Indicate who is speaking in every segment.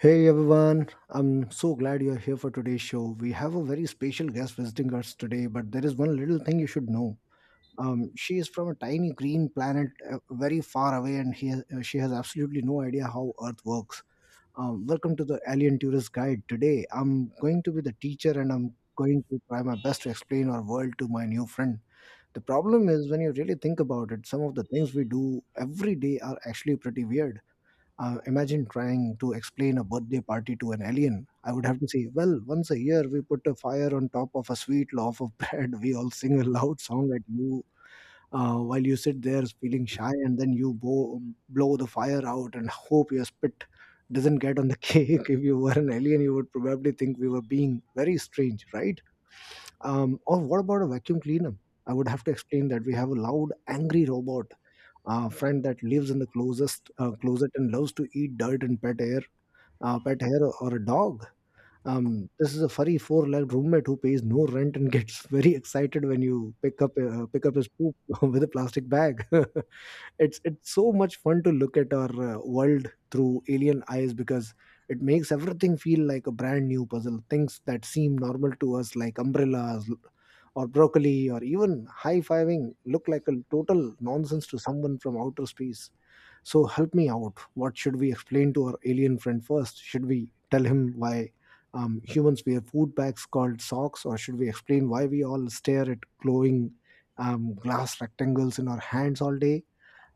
Speaker 1: Hey everyone, I'm so glad you're here for today's show. We have a very special guest visiting us today, but there is one little thing you should know. She is from a tiny green planet, very far away, and she has absolutely no idea how Earth works. Welcome to the Alien Tourist Guide. Today, I'm going to be the teacher and I'm going to try my best to explain our world to my new friend. The problem is, when you really think about it, some of the things we do every day are actually pretty weird. Uh, imagine trying to explain a birthday party to an alien. I would have to say, well, once a year we put a fire on top of a sweet loaf of bread. We all sing a loud song at you while you sit there feeling shy, and then blow the fire out and hope your spit doesn't get on the cake. If you were an alien, you would probably think we were being very strange, right? Or what about a vacuum cleaner? I would have to explain that we have a loud, angry robot friend that lives in the closest closet and loves to eat dirt and pet hair, or a dog. This is a furry four-legged roommate who pays no rent and gets very excited when you pick up his poop with a plastic bag. It's so much fun to look at our world through alien eyes, because it makes everything feel like a brand new puzzle. Things that seem normal to us, like umbrellas or broccoli or even high-fiving, look like a total nonsense to someone from outer space. So help me out, what should we explain to our alien friend first? Should we tell him why humans wear food bags called socks, or should we explain why we all stare at glowing glass rectangles in our hands all day?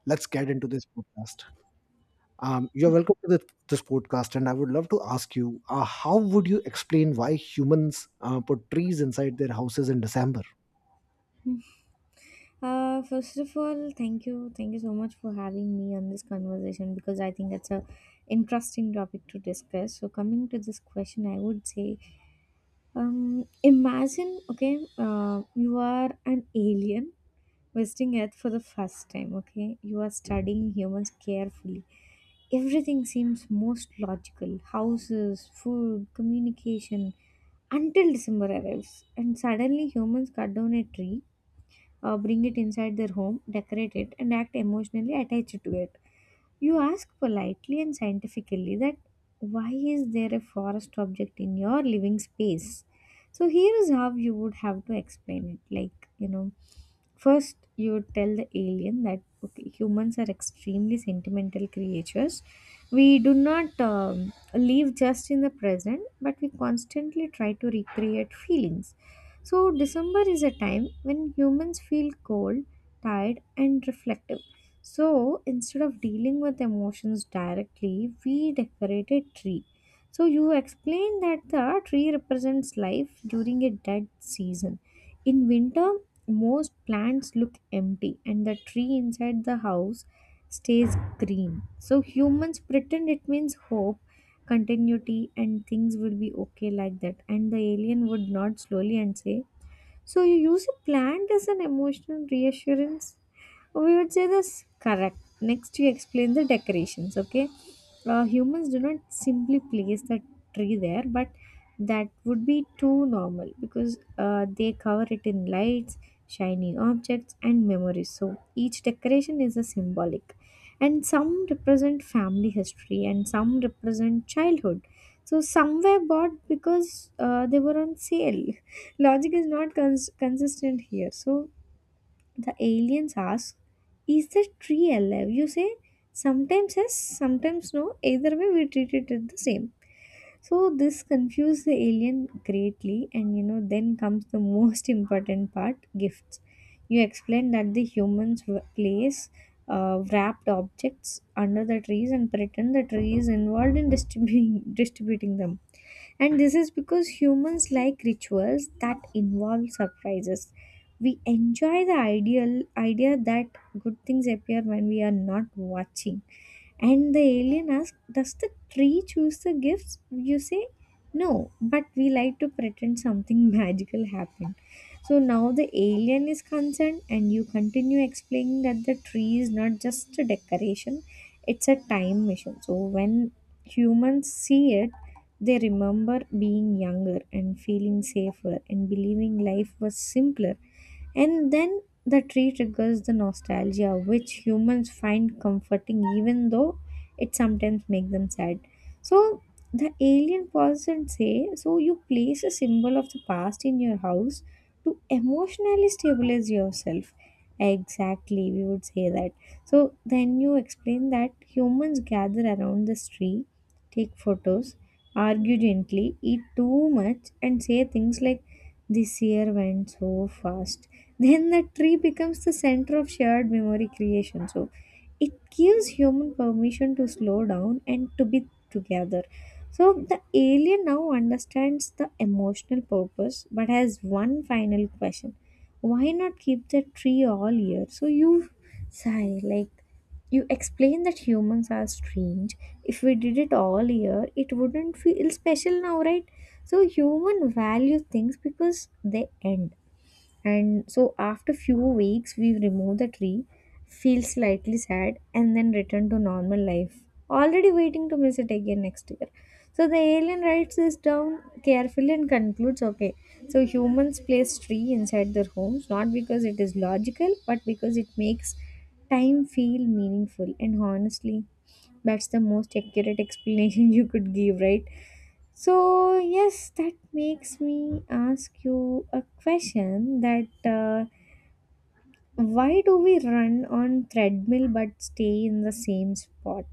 Speaker 1: Let's get into this podcast. You're welcome to this podcast, and I would love to ask you, how would you explain why humans put trees inside their houses in December?
Speaker 2: First of all, thank you so much for having me on this conversation because I think that's a interesting topic to discuss. So, coming to this question, I would say, imagine, okay, you are an alien visiting Earth for the first time. Okay, you are studying humans carefully. Everything seems most logical: houses, food, communication. Until December arrives, and suddenly humans cut down a tree, bring it inside their home, decorate it, and act emotionally attached to it. You ask politely and scientifically that why is there a forest object in your living space? So here is how you would have to explain it. Like, you know, first you would tell the alien that okay, humans are extremely sentimental creatures. We do not live just in the present, but we constantly try to recreate feelings. So December is a time when humans feel cold, tired, and reflective, so instead of dealing with emotions directly, we decorate a tree. So you explained that the tree represents life during a dead season. In winter, most plants look empty and the tree inside the house stays green. So humans pretend it means hope, continuity, and things will be okay like that. And the alien would nod slowly and say, so you use a plant as an emotional reassurance? So, we would say this correct. Next you explain the decorations, okay, humans do not simply place the tree there, but that would be too normal because they cover it in lights, shiny objects and memories, so each decoration is a symbolic, and some represent family history and some represent childhood. So some were bought because they were on sale. Logic is not consistent here. So the aliens ask, is the tree alive? You say, sometimes yes, sometimes no. Either way, we treat it as the same. So this confused the alien greatly, and you know, then comes the most important part, gifts. You explain that the humans place wrapped objects under the trees and pretend the tree is involved in distributing distributing them, and this is because humans like rituals that involve surprises. We enjoy the ideal idea that good things appear when we are not watching. And the alien asks, does the tree choose the gifts? You say, no, but we like to pretend something magical happened. So now the alien is concerned, and you continue explaining that the tree is not just a decoration, it's a time machine. So when humans see it, they remember being younger and feeling safer and believing life was simpler. And then the tree triggers the nostalgia, which humans find comforting, even though it sometimes makes them sad. So the alien person say, so you place a symbol of the past in your house to emotionally stabilize yourself. Exactly, we would say that. So then you explain that humans gather around this tree, take photos, argue gently, eat too much, and say things like, this year went so fast, then the tree becomes the center of shared memory creation. So it gives human permission to slow down and to be together. So the alien now understands the emotional purpose but has one final question. Why not keep the tree all year? So you sigh, like you explain that humans are strange. If we did it all year, it wouldn't feel special now, right? So human value things because they end, and so after few weeks we remove the tree, feel slightly sad and then return to normal life, already waiting to miss it again next year. So the alien writes this down carefully and concludes, okay, so humans place tree inside their homes not because it is logical but because it makes time feel meaningful. And honestly, that's the most accurate explanation you could give, right? So, yes, that makes me ask you a question that why do we run on treadmill but stay in the same spot?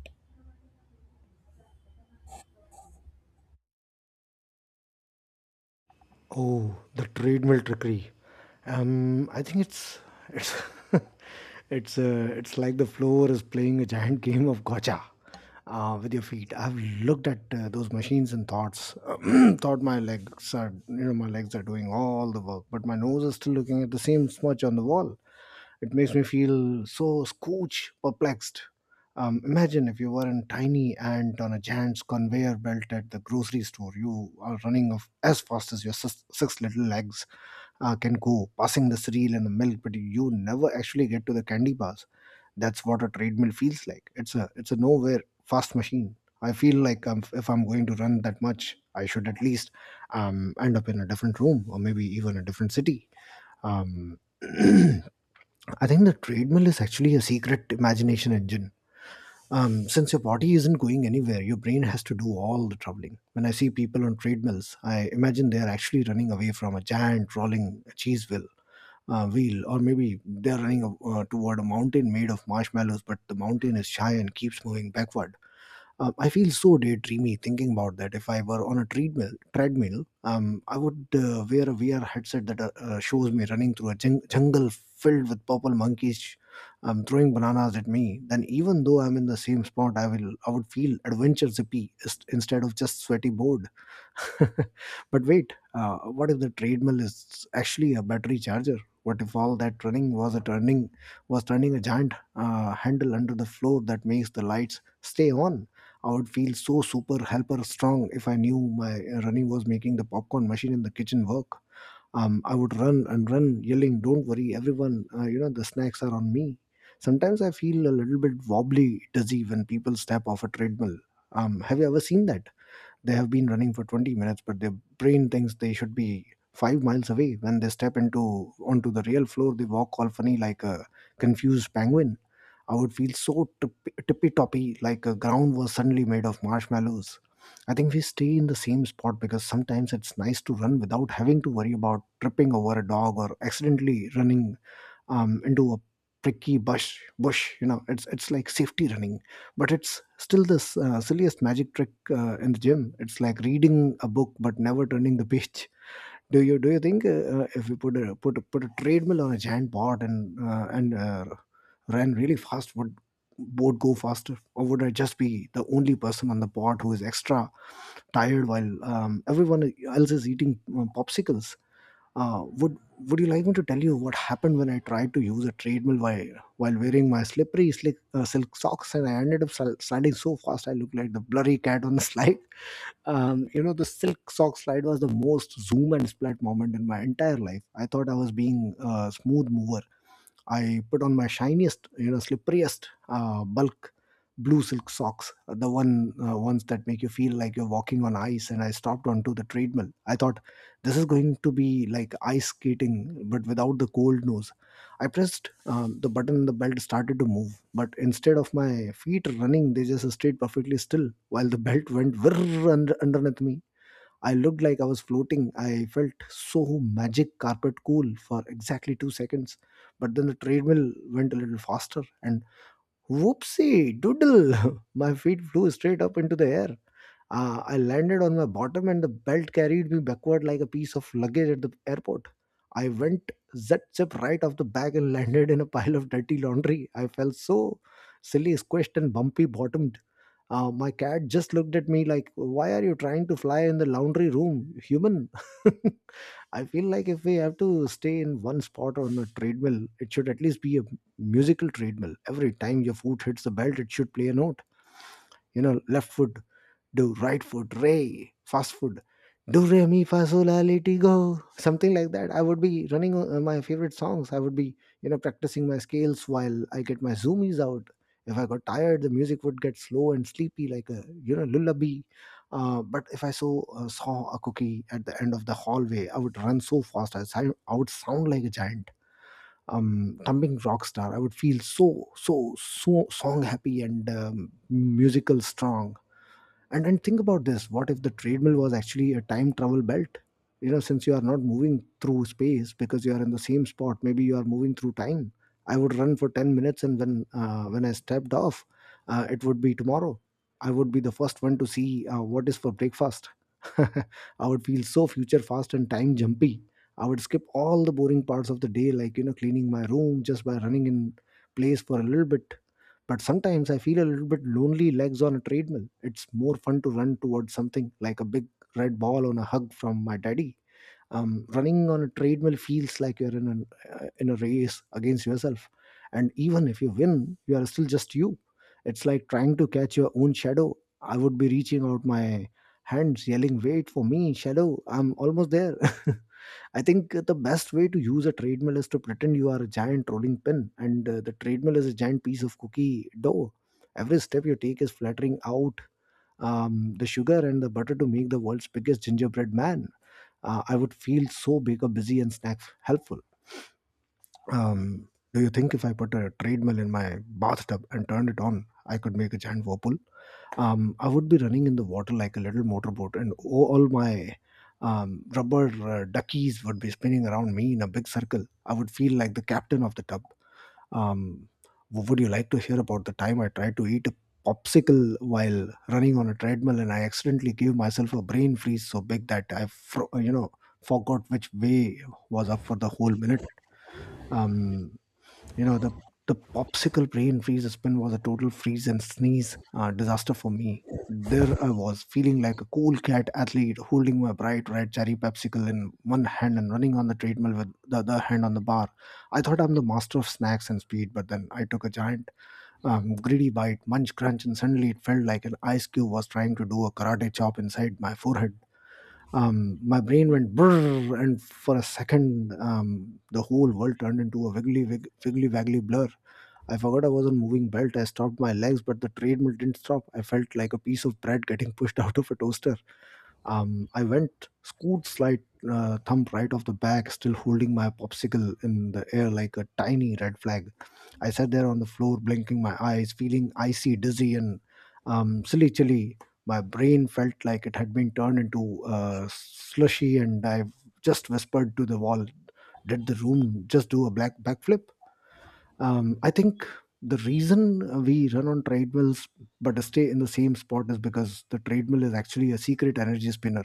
Speaker 1: Oh, the treadmill trickery. I think it's it's like the floor is playing a giant game of gotcha with your feet. I've looked at those machines and thoughts thought, my legs are, you know, my legs are doing all the work, but my nose is still looking at the same smudge on the wall. It makes me feel so scooch perplexed. Imagine if you were a tiny ant on a giant's conveyor belt at the grocery store. You are running off as fast as your six little legs can go, passing the cereal and the milk, but you never actually get to the candy bars. That's what a treadmill feels like. It's a nowhere fast machine. I feel like I if I'm going to run that much, I should at least end up in a different room or maybe even a different city. Um, I think the treadmill is actually a secret imagination engine. Um, since your body isn't going anywhere, your brain has to do all the troubling. When I see people on treadmills, I imagine they're actually running away from a giant rolling cheese wheel, or maybe they're running toward a mountain made of marshmallows, but the mountain is shy and keeps moving backward. I feel so daydreamy thinking about that. If I were on a treadmill, I would wear a VR headset that shows me running through a jungle filled with purple monkeys, throwing bananas at me. Then, even though I'm in the same spot, I would feel adventure zippy instead of just sweaty bored. But wait, what if the treadmill is actually a battery charger? What if all that running was turning a giant handle under the floor that makes the lights stay on? I would feel so super helper strong if I knew my running was making the popcorn machine in the kitchen work. I would run and run, yelling, "Don't worry, everyone! You know the snacks are on me." Sometimes I feel a little bit wobbly, dizzy when people step off a treadmill. Have you ever seen that? They have been running for 20 minutes, but their brain thinks they should be 5 miles away. When they step into onto the real floor, they walk all funny like a confused penguin. I would feel so tippy toppy, like a ground was suddenly made of marshmallows. I think we stay in the same spot because sometimes it's nice to run without having to worry about tripping over a dog or accidentally running into a pricky bush, you know. It's like safety running, but it's still this silliest magic trick in the gym. It's like reading a book but never turning the page. Do you think, if we put a treadmill on a giant pot and ran really fast, would boat go faster, or would I just be the only person on the pot who is extra tired while everyone else is eating popsicles? uh, would Would you like me to tell you what happened when I tried to use a treadmill while wearing my slippery slick, silk socks, and I ended up sliding so fast I looked like the blurry cat on the slide. You know, the silk sock slide was the most zoom and splat moment in my entire life. I thought I was being a smooth mover. I put on my shiniest, you know, slipperiest, bulk blue silk socks, the ones that make you feel like you're walking on ice. And I stopped onto the treadmill. I thought, this is going to be like ice skating, but without the cold nose. I pressed the button, and the belt started to move, but instead of my feet running, they just stayed perfectly still while the belt went whirr underneath me. I looked like I was floating. I felt so magic carpet cool for exactly 2 seconds. But then the treadmill went a little faster, and whoopsie doodle, my feet flew straight up into the air. I landed on my bottom and the belt carried me backward like a piece of luggage at the airport. I went zip zip right off the bag and landed in a pile of dirty laundry. I felt so silly, squished, and bumpy bottomed. My cat just looked at me like, why are you trying to fly in the laundry room, human? I feel like if we have to stay in one spot on a treadmill, it should at least be a musical treadmill. Every time your foot hits the belt, it should play a note. You know, left foot do, right foot ray, fast food do re mi fa sol la li, go, something like that. I would be running my favorite songs, I would be, you know, practicing my scales while I get my zoomies out. If I got tired, the music would get slow and sleepy, like a, you know, lullaby. But if I saw a cookie at the end of the hallway I would run so fast I would sound like a giant thumping rock star. I would feel so so song happy and musical strong. And then think about this: what if the treadmill was actually a time travel belt? You know, since you are not moving through space because you are in the same spot, maybe you are moving through time. I would run for 10 minutes, and when I stepped off, it would be tomorrow. I would be the first one to see what is for breakfast. I would feel so future fast and time jumpy. I would skip all the boring parts of the day, like, you know, cleaning my room just by running in place for a little bit. But sometimes I feel a little bit lonely legs on a treadmill. It's more fun to run towards something like a big red ball on a hug from my daddy. Running on a treadmill feels like you're in a race against yourself, and even if you win, you are still just you. It's like trying to catch your own shadow. I would be reaching out my hands, yelling, "Wait for me, shadow! I'm almost there." I think the best way to use a treadmill is to pretend you are a giant rolling pin, and the treadmill is a giant piece of cookie dough. Every step you take is flattering out the sugar and the butter to make the world's biggest gingerbread man. I would feel so big busy and snack helpful. Do you think if I put a treadmill in my bathtub and turned it on, I could make a giant whirlpool? I would be running in the water like a little motorboat, and all my rubber duckies would be spinning around me in a big circle. I would feel like the captain of the tub. Um, would you like to hear about the time I tried to eat a popsicle while running on a treadmill, and I accidentally gave myself a brain freeze so big that I forgot which way was up for the whole minute? Um, you know, the the popsicle brain freeze spin was a total freeze and sneeze disaster for me. There I was, feeling like a cool cat athlete, holding my bright red cherry popsicle in one hand and running on the treadmill with the other hand on the bar. I thought I'm the master of snacks and speed, but then I took a giant, greedy bite, munch, crunch, and suddenly it felt like an ice cube was trying to do a karate chop inside my forehead. My brain went brrr, and for a second, the whole world turned into a wiggly, waggly blur. I forgot I was on moving belt. I stopped my legs, but the treadmill didn't stop. I felt like a piece of bread getting pushed out of a toaster. I went scoot slide thumb right off the back, still holding my popsicle in the air like a tiny red flag. I sat there on the floor, blinking my eyes, feeling icy, dizzy, and silly chilly. My brain felt like it had been turned into slushy, and I just whispered to the wall, "Did the room just do a black backflip?" I think the reason we run on treadmills but stay in the same spot is because the treadmill is actually a secret energy spinner.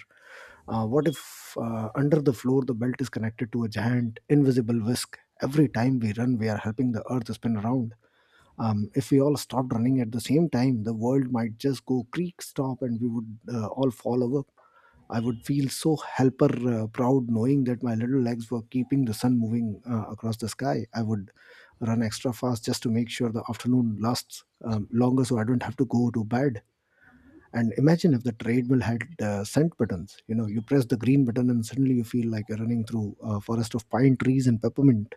Speaker 1: What if under the floor the belt is connected to a giant invisible whisk? Every time we run, we are helping the earth spin around. If we all stopped running at the same time, the world might just go creak stop, and we would all fall over. I would feel so helper proud, knowing that my little legs were keeping the sun moving across the sky. I would run extra fast just to make sure the afternoon lasts longer so I don't have to go to bed. And imagine if the treadmill had scent buttons. You know, you press the green button and suddenly you feel like you're running through a forest of pine trees and peppermint,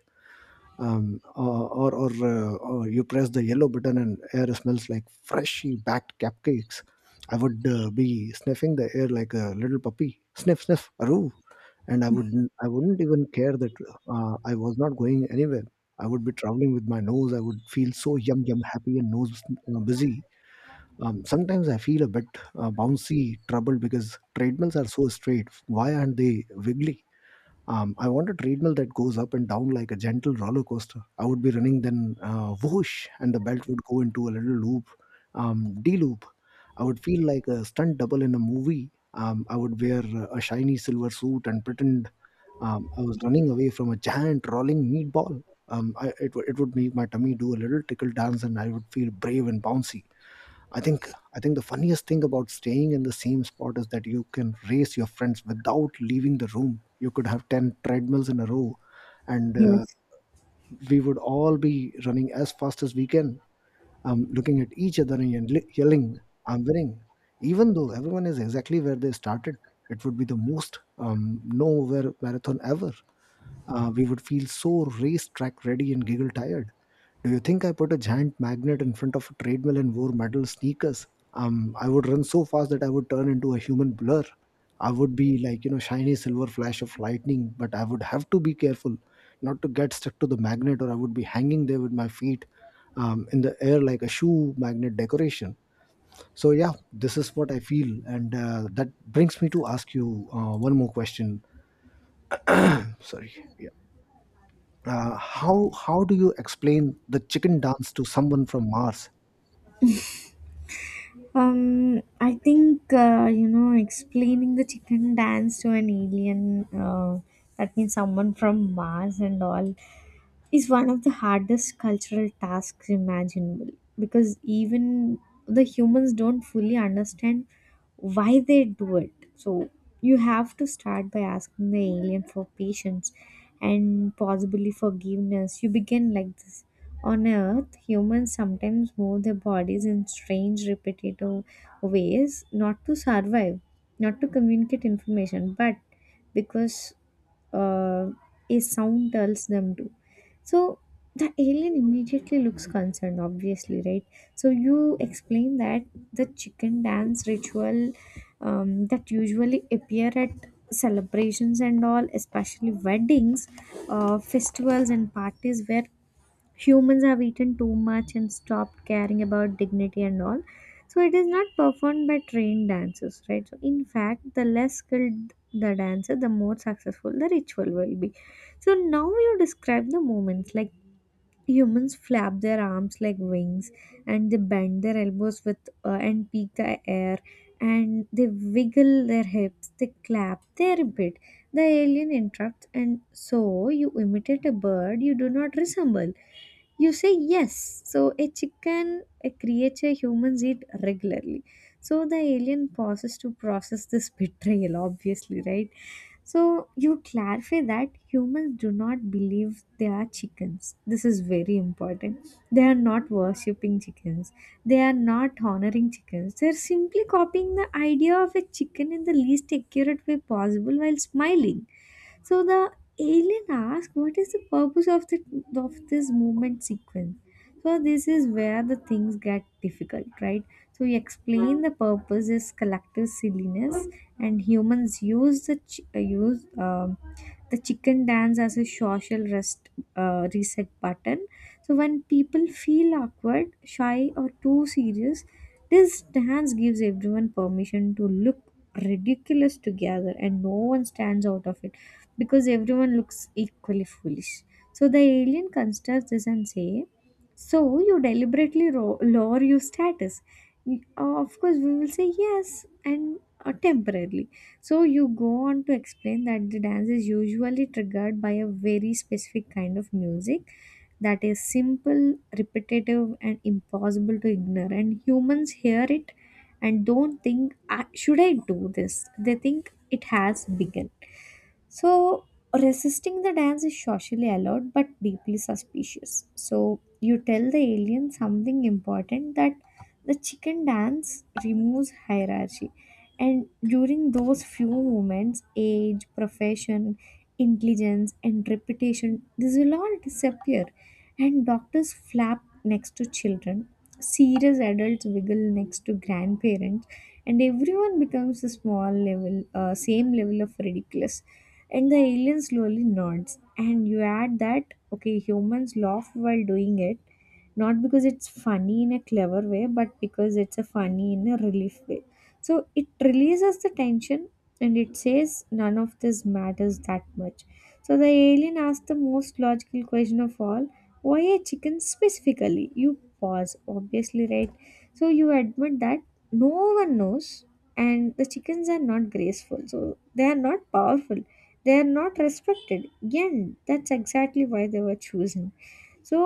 Speaker 1: or you press the yellow button and air smells like freshly baked cupcakes. I would be sniffing the air like a little puppy. Sniff, sniff, aroo. And I wouldn't even care that I was not going anywhere. I would be traveling with my nose. I would feel so yum yum happy and nose busy. Sometimes I feel a bit bouncy, troubled because treadmills are so straight. Why aren't they wiggly? I want a treadmill that goes up and down like a gentle roller coaster. I would be running, then whoosh, and the belt would go into a little loop, D loop. I would feel like a stunt double in a movie. I would wear a shiny silver suit and pretend I was running away from a giant rolling meatball. It would make my tummy do a little tickle dance, and I would feel brave and bouncy. I think I think the funniest thing about staying in the same spot is that you can race your friends without leaving the room. You could have 10 treadmills in a row, and
Speaker 2: Yes.
Speaker 1: we would all be running as fast as we can, looking at each other and yelling, I'm winning. Even though everyone is exactly where they started, it would be the most nowhere marathon ever. We would feel so racetrack ready and giggle tired. Do you think I put a giant magnet in front of a treadmill and wore metal sneakers? I would run so fast that I would turn into a human blur. I would be like, you know, shiny silver flash of lightning, but I would have to be careful not to get stuck to the magnet, or I would be hanging there with my feet in the air like a shoe magnet decoration. So, yeah, this is what I feel. And that brings me to ask you one more question. Sorry. How do you explain the chicken dance to someone from Mars?
Speaker 2: I think you know explaining the chicken dance to an alien. That means someone from Mars and all, is one of the hardest cultural tasks imaginable because even the humans don't fully understand why they do it. So you have to start by asking the alien for patience and possibly forgiveness. You begin like this. On Earth, humans sometimes move their bodies in strange, repetitive ways, not to survive, not to communicate information, but because uh, a sound tells them to. So the alien immediately looks concerned, obviously, right? So you explain that the chicken dance ritual, that usually appear at celebrations and all, especially weddings, festivals, and parties where humans have eaten too much and stopped caring about dignity and all. So it is not performed by trained dancers, right? So in fact, the less skilled the dancer, the more successful the ritual will be. So now you describe the moments like, humans flap their arms like wings and they bend their elbows with and peak the air, and they wiggle their hips, they clap their bit. The alien interrupts, and so you imitate a bird you do not resemble. You say yes. So, a chicken, a creature humans eat regularly. So, the alien pauses to process this betrayal, obviously, right? So you clarify that humans do not believe they are chickens. This is very important. They are not worshipping chickens. They are not honoring chickens. They are simply copying the idea of a chicken in the least accurate way possible while smiling. So the alien asks, "What is the purpose of the of this movement sequence?" So this is where the things get difficult, right? So you explain the purpose is collective silliness, and humans use the use the chicken dance as a social rest reset button. So when people feel awkward, shy, or too serious, this dance gives everyone permission to look ridiculous together, and no one stands out of it because everyone looks equally foolish. So the alien considers this and say, "So you deliberately lower your status." Of course, we will say yes and temporarily. So you go on to explain that the dance is usually triggered by a very specific kind of music that is simple, repetitive, and impossible to ignore. And humans hear it and don't think, "Ah, should I do this? They think it has begun. So, resisting the dance is socially allowed but deeply suspicious. So, you tell the alien something important, that the chicken dance removes hierarchy. And during those few moments, age, profession, intelligence, and reputation, this will all disappear. And doctors flap next to children, serious adults wiggle next to grandparents, and everyone becomes a small level, same level of ridiculous. And the alien slowly nods, and you add that, okay, humans laugh while doing it, not because it's funny in a clever way, but because it's a funny in a relief way. So it releases the tension and it says none of this matters that much. So the alien asks the most logical question of all, why a chicken specifically? You pause, obviously, right? So you admit that no one knows, and the chickens are not graceful, so they are not powerful, they are not respected. Again, that's exactly why they were chosen. So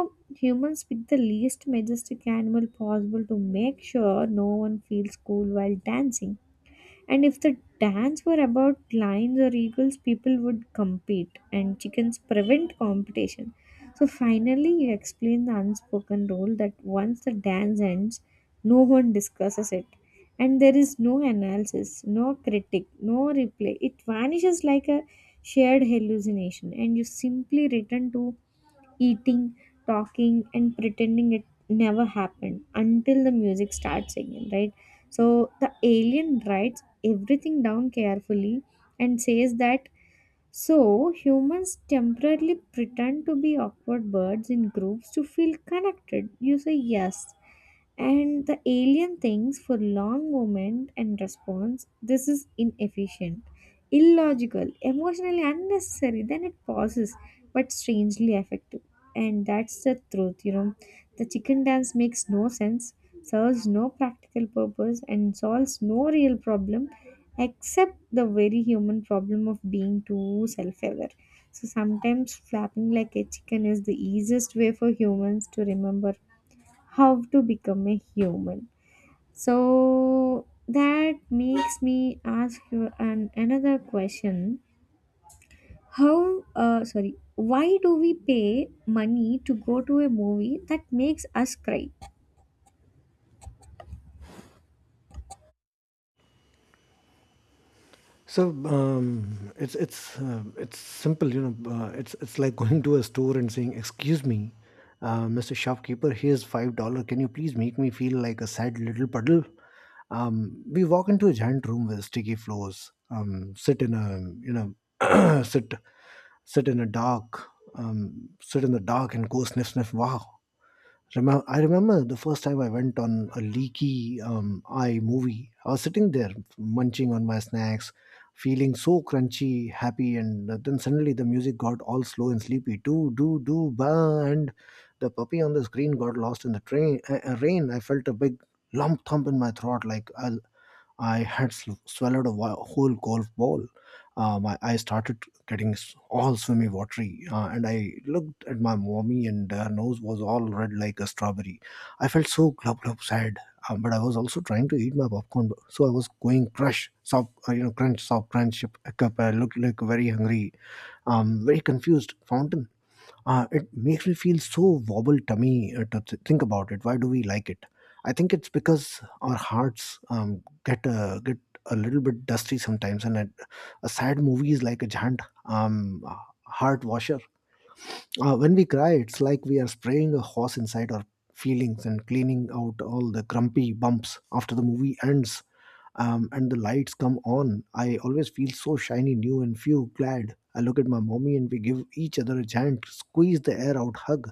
Speaker 2: humans pick the least majestic animal possible to make sure no one feels cool while dancing, and if the dance were about lions or eagles, people would compete, and chickens prevent competition. So finally, you explain the unspoken rule that once the dance ends, no one discusses it. And there is no analysis, no critic, no replay. It vanishes like a shared hallucination, and you simply return to eating, talking, and pretending it never happened until the music starts again, right? So the alien writes everything down carefully and says that, so, humans temporarily pretend to be awkward birds in groups to feel connected. You say yes. And the alien thinks for long moment and responds, this is inefficient, illogical, emotionally unnecessary. Then it pauses, but strangely effective. And that's the truth, you know. The chicken dance makes no sense, serves no practical purpose, and solves no real problem except the very human problem of being too self-aware. So sometimes flapping like a chicken is the easiest way for humans to remember how to become a human. So that makes me ask you an another question. How sorry, why do we pay money to go to a movie that makes us cry?
Speaker 1: So it's simple, you know. It's like going to a store and saying, "Excuse me, Mr. Shopkeeper, here's $5. Can you please make me feel like a sad little puddle?" We walk into a giant room with sticky floors. Sit in a sit in a dark sit in the dark and go sniff sniff. Wow, I remember the first time I went on a leaky eye movie. I was sitting there munching on my snacks, feeling so crunchy, happy, and then suddenly the music got all slow and sleepy. Do do do ba, and the puppy on the screen got lost in the train rain. I felt a big lump thump in my throat, like I had swallowed a whole golf ball. I started getting all swimmy watery, and I looked at my mommy, and her nose was all red like a strawberry. I felt so glub glub sad, but I was also trying to eat my popcorn, so I was going crush, soft, crunch, soft crunch, a cup. I looked like very hungry, very confused fountain. It makes me feel so wobble tummy to think about it. Why do we like it? I think it's because our hearts get a little bit dusty sometimes, and a sad movie is like a giant heart washer. When we cry, it's like we are spraying a hose inside our feelings and cleaning out all the grumpy bumps. After the movie ends and the lights come on, I always feel so shiny, new, and feel glad. I look at my mommy and we give each other a giant squeeze the air out hug,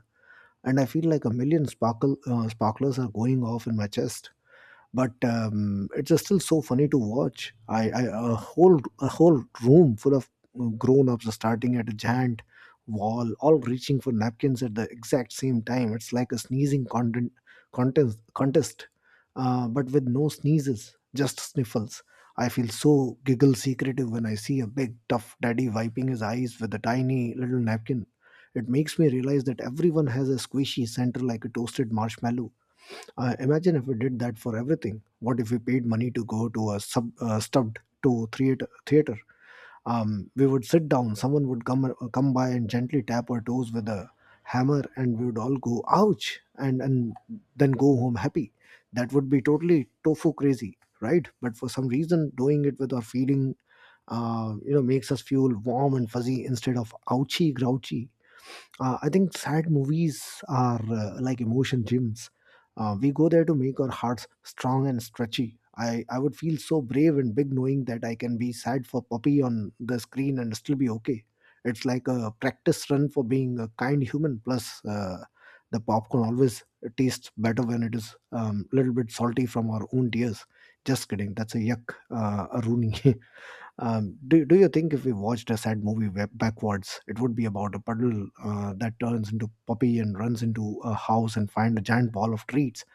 Speaker 1: and I feel like a million sparklers are going off in my chest. But it's just still so funny to watch. I A whole room full of grown ups starting at a giant wall, all reaching for napkins at the exact same time. It's like a sneezing content, contest contest, but with no sneezes, just sniffles. I feel so giggle secretive when I see a big tough daddy wiping his eyes with a tiny little napkin. It makes me realize that everyone has a squishy center like a toasted marshmallow. Imagine if we did that for everything. What if we paid money to go to a sub stubbed to theater? Theater. We would sit down. Someone would come by and gently tap our toes with a hammer, and we would all go ouch, and then go home happy. That would be totally tofu crazy, right? But for some reason, doing it with our feeling, makes us feel warm and fuzzy instead of ouchy grouchy. I think sad movies are like emotion gyms. We go there to make our hearts strong and stretchy. I would feel so brave and big knowing that I can be sad for puppy on the screen and still be okay. It's like a practice run for being a kind human. Plus, the popcorn always tastes better when it is a little bit salty from our own tears. Just kidding. That's a yuck, a Rooney. Do you think if we watched a sad movie backwards, it would be about a puddle that turns into puppy and runs into a house and find a giant ball of treats?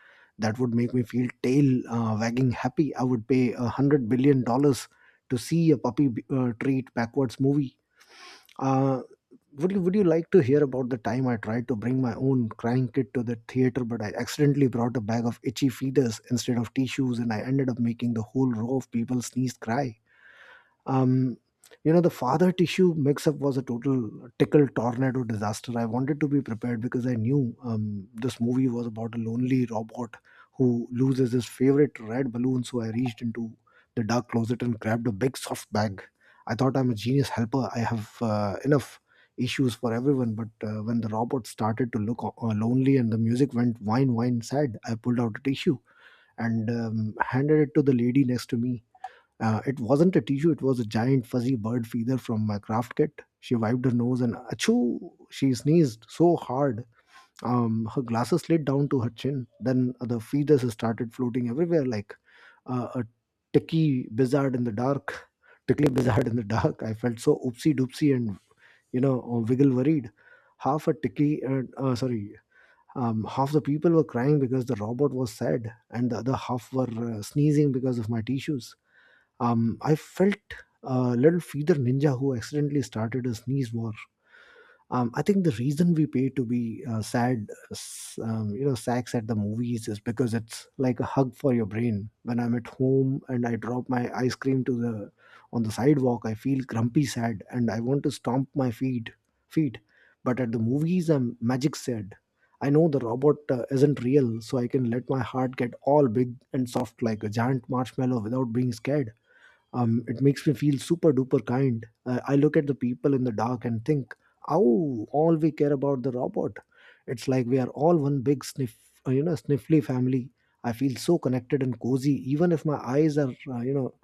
Speaker 1: That would make me feel tail wagging happy. I would pay $100 billion to see a puppy treat backwards movie. Uh, would you like to hear about the time I tried to bring my own crying kit to the theater, but I accidentally brought a bag of itchy feeders instead of tissues, and I ended up making the whole row of people sneeze cry? um the father tissue mix up was a total tickle tornado disaster. I wanted to be prepared because I knew this movie was about a lonely robot who loses his favorite red balloon, so I reached into the dark closet and grabbed a big soft bag. I thought, I'm a genius helper, I have enough issues for everyone. But when the robot started to look lonely and the music went wine wine sad, I pulled out a tissue and handed it to the lady next to me. It wasn't a tissue, it was a giant fuzzy bird feeder from my craft kit. She wiped her nose and achoo, she sneezed so hard. Her glasses slid down to her chin. Then the feathers started floating everywhere like a ticky blizzard in the dark. Tickly blizzard in the dark. I felt so oopsie doopsie and, wiggle worried. Half a ticky, sorry, Half the people were crying because the robot was sad, and the other half were sneezing because of my tissues. I felt a little feeder ninja who accidentally started a sneeze war. I think the reason we pay to be sacks at the movies is because it's like a hug for your brain. When I'm at home and I drop my ice cream to the on the sidewalk, I feel grumpy sad and I want to stomp my feet, but at the movies, I'm magic sad. I know the robot isn't real, so I can let my heart get all big and soft like a giant marshmallow without being scared. It makes me feel super duper kind. I look at the people in the dark and think, oh, all we care about the robot. It's like we are all one big sniff, sniffly family. I feel so connected and cozy, even if my eyes are, you know,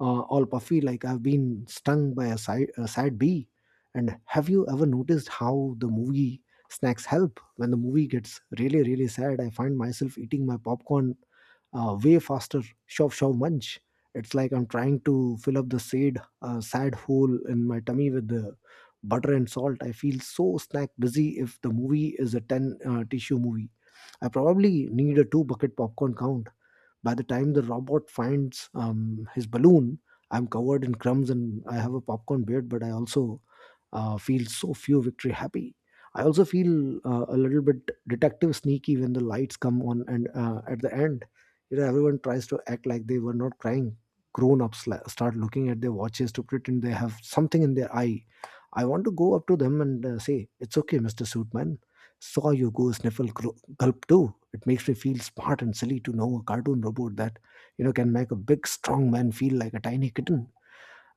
Speaker 1: uh, all puffy like I've been stung by a sad bee. And have you ever noticed how the movie snacks help? When the movie gets really, really sad, I find myself eating my popcorn way faster, shove, shove, munch. It's like I'm trying to fill up the sad hole in my tummy with the butter and salt. I feel so snack busy. If the movie is a 10 tissue movie, I probably need a 2 bucket popcorn count. By the time the robot finds his balloon, I'm covered in crumbs and I have a popcorn beard, but I also feel so few victory happy. I also feel a little bit detective sneaky when the lights come on and at the end, you know, everyone tries to act like they were not crying. Grown ups start looking at their watches to pretend they have something in their eye. I want to go up to them and say, "It's okay, Mr. Suitman. Saw you go sniffle gulp too." It makes me feel smart and silly to know a cartoon robot that, you know, can make a big, strong man feel like a tiny kitten.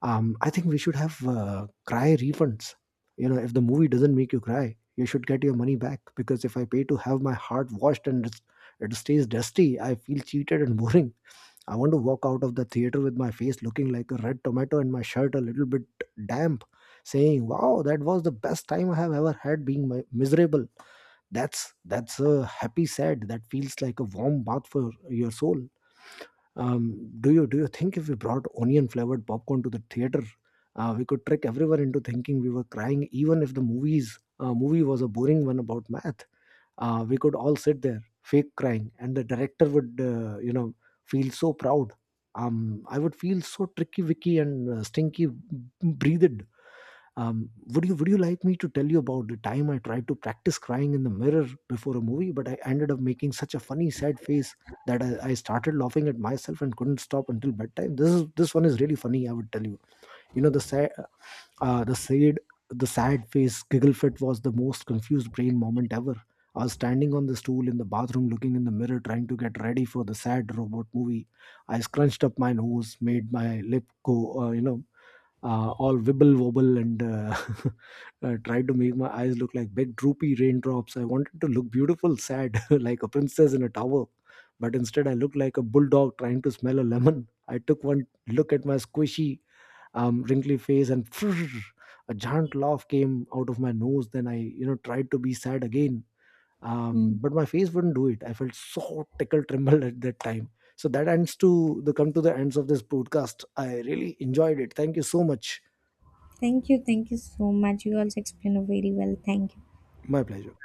Speaker 1: Um, I think we should have cry refunds. You know, if the movie doesn't make you cry, you should get your money back, because if I pay to have my heart washed and it stays dusty, I feel cheated and boring. I want to walk out of the theater with my face looking like a red tomato and my shirt a little bit damp, saying, "Wow, that was the best time I have ever had being miserable." That's a happy sad that feels like a warm bath for your soul. Do you think if we brought onion flavored popcorn to the theater, we could trick everyone into thinking we were crying, even if the movie was a boring one about math? We could all sit there, fake crying, and the director would, feel so proud. I would feel so tricky, wicky, and stinky, breathed. Would you like me to tell you about the time I tried to practice crying in the mirror before a movie, but I ended up making such a funny sad face that I started laughing at myself and couldn't stop until bedtime? This one is really funny. I would tell you. You know, the sad the sad the sad face giggle fit was the most confused brain moment ever. I was standing on the stool in the bathroom, looking in the mirror, trying to get ready for the sad robot movie. I scrunched up my nose, made my lip go, all wibble wobble and tried to make my eyes look like big droopy raindrops. I wanted to look beautiful, sad, like a princess in a tower, but instead I looked like a bulldog trying to smell a lemon. I took one look at my squishy, wrinkly face and a giant laugh came out of my nose. Then I, tried to be sad again.
Speaker 2: Hmm.
Speaker 1: But my face wouldn't do it. I felt so tickle tremble at that time. So that ends to the ends of this podcast. I really enjoyed it. Thank you so much.
Speaker 2: Thank you so much. You also explained very well. Thank you.
Speaker 1: My pleasure.